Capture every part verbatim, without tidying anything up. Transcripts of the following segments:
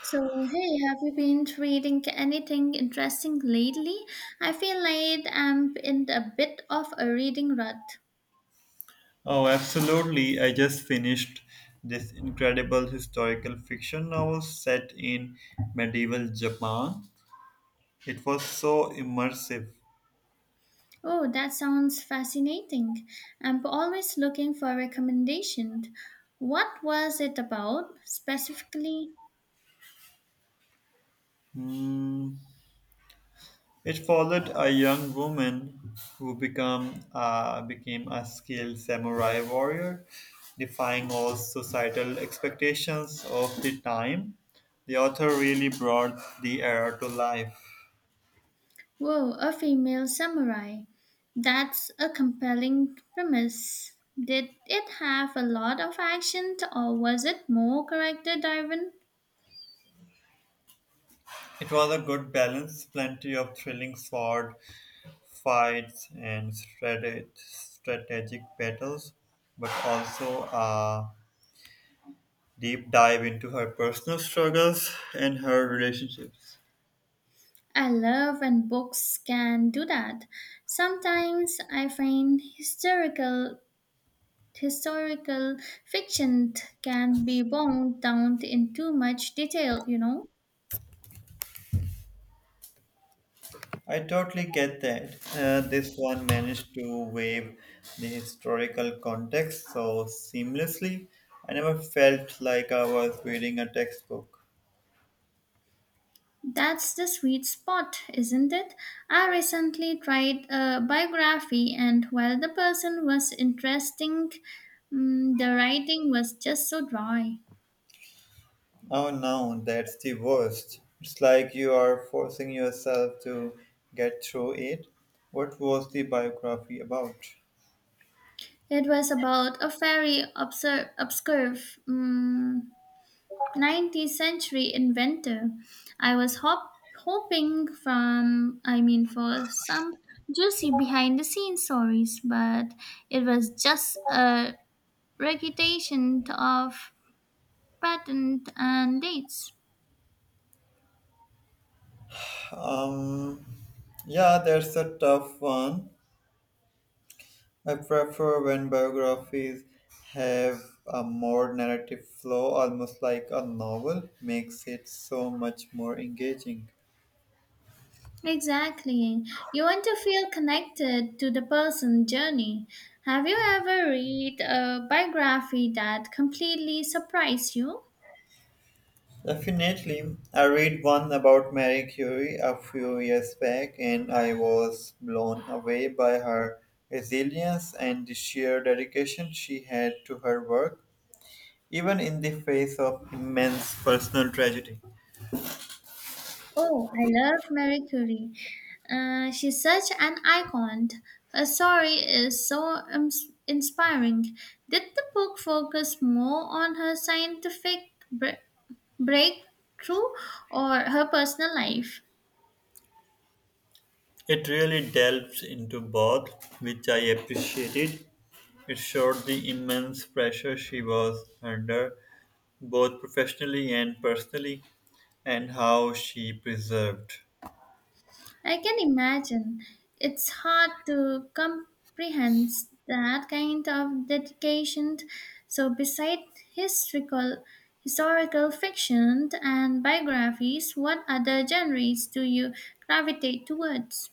So, hey, have you been reading anything interesting lately? I feel like I'm in a bit of a reading rut. Oh, absolutely. I just finished this incredible historical fiction novel set in medieval Japan. It was so immersive. Oh, that sounds fascinating. I'm always looking for recommendations. What was it about specifically? Hmm. It followed a young woman who become, uh, became a skilled samurai warrior, defying all societal expectations of the time. The author really brought the era to life. Whoa, a female samurai. That's a compelling premise. Did it have a lot of action or was it more character driven? It was a good balance, plenty of thrilling sword fights and strate- strategic battles, but also a deep dive into her personal struggles and her relationships. I love when books can do that. Sometimes I find historical historical fiction can be bogged down in too much detail, you know. I totally get that. Uh, this one managed to weave the historical context so seamlessly. I never felt like I was reading a textbook. That's the sweet spot, isn't it? I recently tried a biography and while the person was interesting, mm, the writing was just so dry. Oh no, that's the worst. It's like you are forcing yourself to get through it. What was the biography about? It was about a very obscure, obscure mm nineteenth century inventor. I was hop- hoping from, I mean, for some juicy behind the scenes stories, but it was just a recitation of patent and dates. Um, yeah, that's a tough one. I prefer when biographies have a more narrative flow, almost like a novel, makes it so much more engaging. Exactly. You want to feel connected to the person's journey. Have you ever read a biography that completely surprised you? Definitely, I read one about Marie Curie a few years back, and I was blown away by her resilience and the sheer dedication she had to her work, even in the face of immense personal tragedy. Oh, I love Marie Curie. Uh, she's such an icon. Her story is so ins- inspiring. Did the book focus more on her scientific bre- breakthrough or her personal life? It really delves into both, which I appreciated. It showed the immense pressure she was under, both professionally and personally, and how she preserved. I can imagine. It's hard to comprehend that kind of dedication. So, besides historical, historical fiction and biographies, what other genres do you gravitate towards?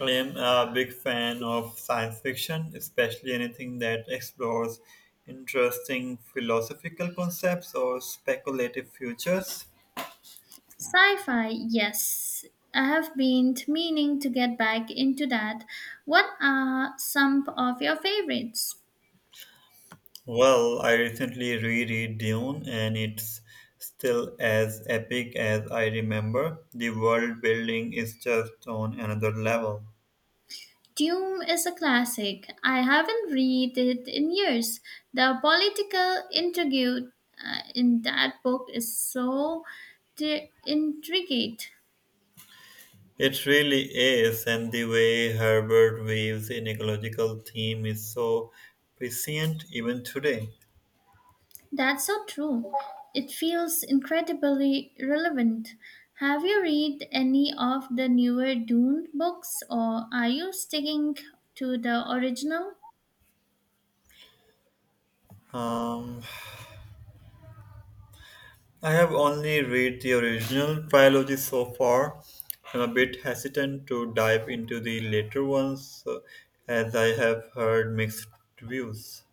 I am a big fan of science fiction, especially anything that explores interesting philosophical concepts or speculative futures. Sci fi, yes. I have been meaning to get back into that. What are some of your favorites? Well, I recently reread Dune, and it's still as epic as I remember. The world building is just on another level. Dune is a classic. I haven't read it in years. The political intrigue, uh, in that book is so tri- intricate. It really is, and the way Herbert weaves an ecological theme is so prescient even today. That's so true. It feels incredibly relevant. Have you read any of the newer Dune books or are you sticking to the original? Um, I have only read the original trilogy so far. I'm a bit hesitant to dive into the later ones uh, as I have heard mixed reviews.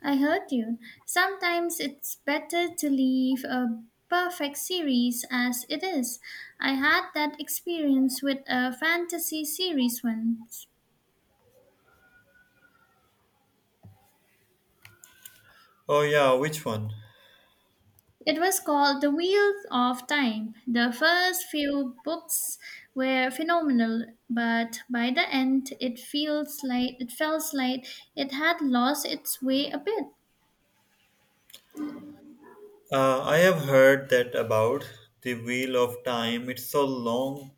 I heard you. Sometimes it's better to leave a perfect series as it is. I had that experience with a fantasy series once. Oh yeah, which one? It was called The Wheels of Time. The first few books were phenomenal, but by the end it feels like it felt like it had lost its way a bit. Uh, I have heard that about the Wheel of Time. It's so long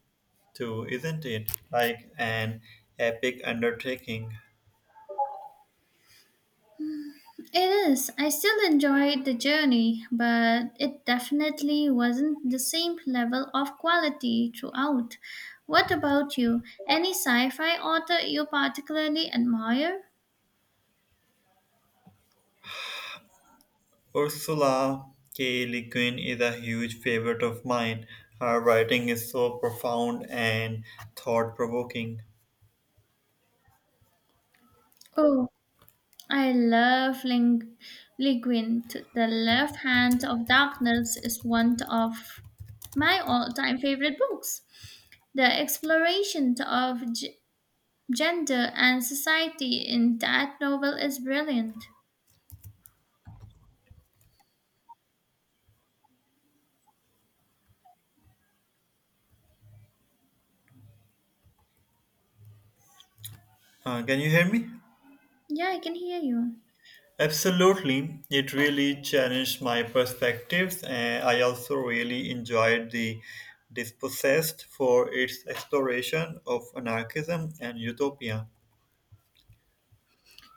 too, isn't it? Like an epic undertaking. It is. I still enjoyed the journey, but it definitely wasn't the same level of quality throughout. What about you? Any sci fi author you particularly admire? Ursula K. Le Guin is a huge favorite of mine. Her writing is so profound and thought-provoking. Oh, I love Ling- Le Guin. To The Left Hand of Darkness is one of my all time favorite books. The exploration of g- gender and society in that novel is brilliant. Uh, can you hear me? Yeah, I can hear you. Absolutely, it really challenged my perspectives, and I also really enjoyed the Dispossessed for its exploration of anarchism and utopia.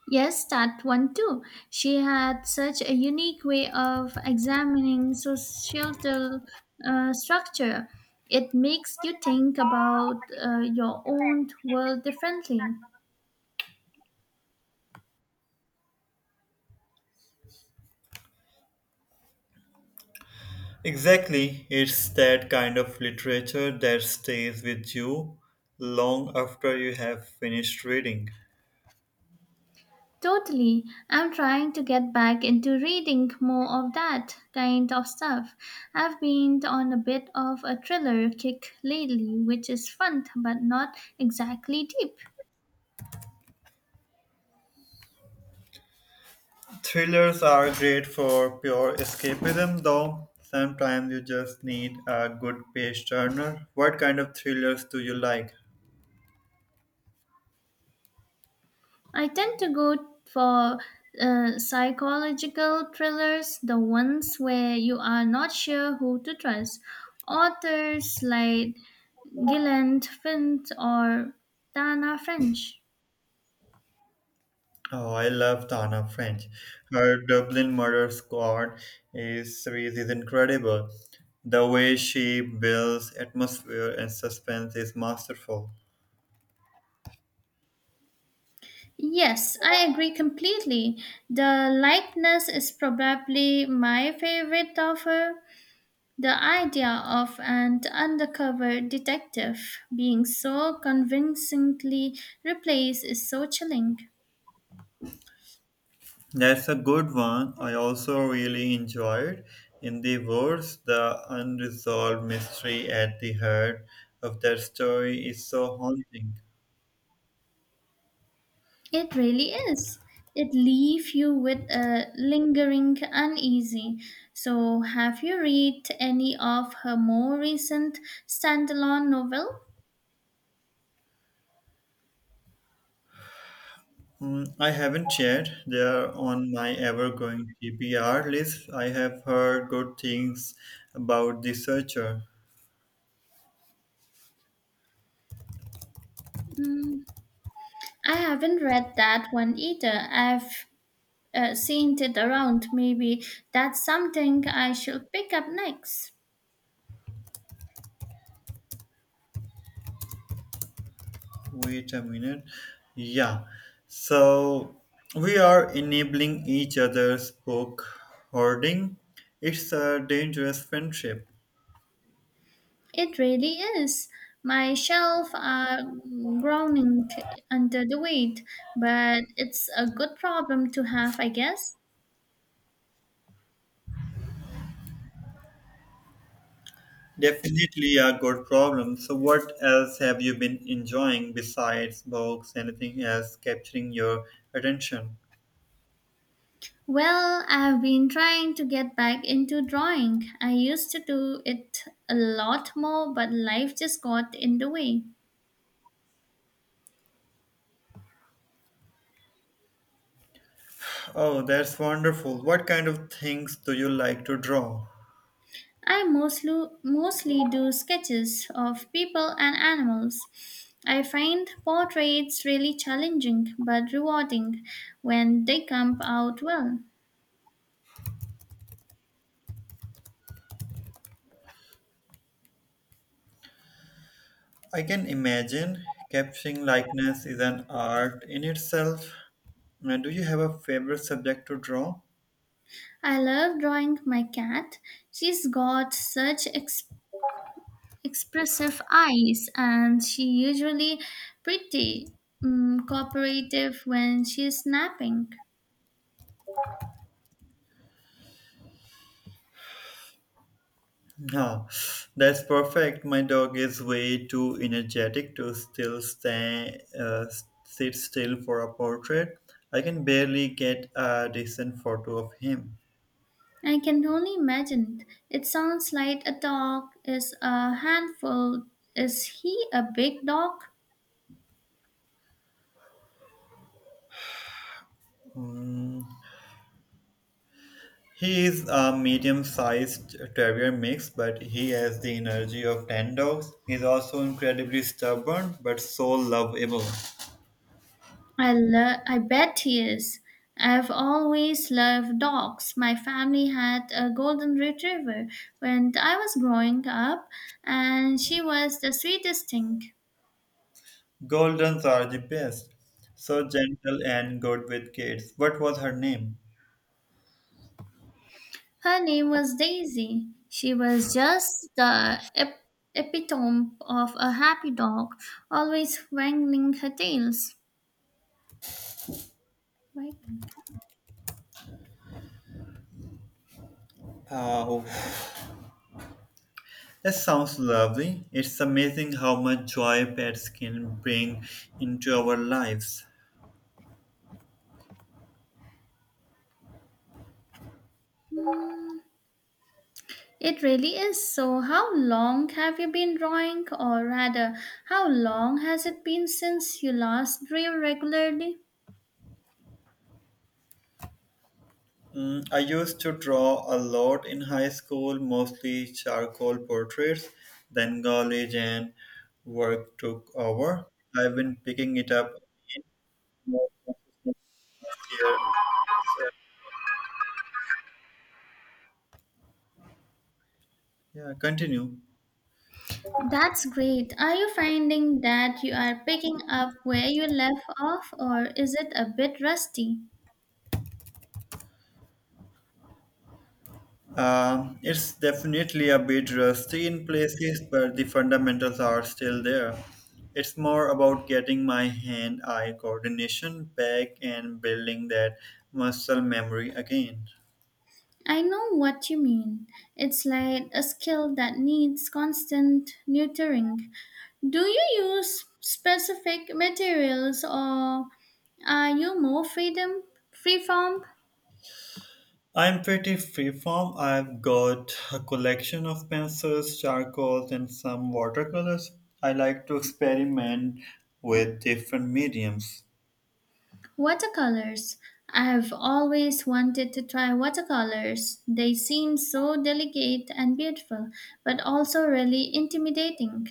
Yes, that one too. She had such a unique way of examining societal, uh, structure. It makes you think about, uh, your own world differently. Exactly, it's that kind of literature that stays with you long after you have finished reading. Totally. I'm trying to get back into reading more of that kind of stuff. I've been on a bit of a thriller kick lately, which is fun but not exactly deep. Thrillers are great for pure escapism, though sometimes you just need a good page turner. What kind of thrillers do you like? I tend to go for, uh, psychological thrillers, the ones where you are not sure who to trust. Authors like Gillian Flynn or Tana French. Oh, I love Tana French. Her Dublin Murder Squad is, series is incredible. The way she builds atmosphere and suspense is masterful. Yes, I agree completely. The likeness is probably my favorite of her. The idea of an undercover detective being so convincingly replaced is so chilling. That's a good one. I also really enjoyed In the Woods, the unresolved mystery at the heart of that story is so haunting. It really is. It leaves you with a lingering uneasy. So, have you read any of her more recent standalone novel? Hmm, I haven't yet. They are on my ever-growing T B R list. I have heard good things about The Searcher. Mm, I haven't read that one either. I've uh, seen it around. Maybe that's something I should pick up next. Wait a minute. Yeah. So we are enabling each other's book hoarding. It's a dangerous friendship. It really is. My shelf are groaning under the weight, but it's a good problem to have, I guess. Definitely a good problem. So what else have you been enjoying besides books? Anything else capturing your attention? Well, I've been trying to get back into drawing. I used to do it a lot more, but life just got in the way. Oh, that's wonderful. What kind of things do you like to draw? I mostly mostly do sketches of people and animals. I find portraits really challenging but rewarding when they come out well. I can imagine capturing likeness is an art in itself. Uh, Do you have a favorite subject to draw? I love drawing my cat. She's got such expressive expressive eyes, and she usually pretty mm cooperative when she is napping. Oh, that's perfect. My dog is way too energetic to still stand, uh, sit still for a portrait. I can barely get a decent photo of him. I can only imagine. It sounds like a dog is a handful. Is he a big dog? He is a medium-sized terrier mix, but he has the energy of ten dogs. He's also incredibly stubborn, but so lovable. I lo- I bet he is. I've always loved dogs. My family had a golden retriever when I was growing up, and she was the sweetest thing. Goldens are the best. So gentle and good with kids. What was her name? Her name was Daisy. She was just the ep- epitome of a happy dog, always wagging her tails. Wagging. Uh, That sounds lovely. It's amazing how much joy pets can bring into our lives. Hmm, It really is. So, how long have you been drawing, or rather, how long has it been since you last drew regularly? Mm, I used to draw a lot in high school, mostly charcoal portraits. Then college and work took over. I've been picking it up again here. So, yeah, continue. That's great. Are you finding that you are picking up where you left off, or is it a bit rusty? Uh, it's definitely a bit rusty in places, but the fundamentals are still there. It's more about getting my hand eye coordination back and building that muscle memory again. I know what you mean. It's like a skill that needs constant nurturing. Do you use specific materials or are you more freedom freeform I'm pretty freeform. I've got a collection of pencils, charcoals, and some watercolors. I like to experiment with different mediums. watercolors? I've always wanted to try watercolors. They seem so delicate and beautiful, but also really intimidating.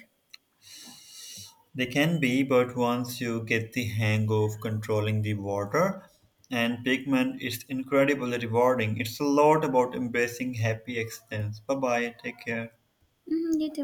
They can be, but once you get the hang of controlling the water and pigment, it's incredibly rewarding. It's a lot about embracing happy accidents. Bye bye, take care. Mhm, you too.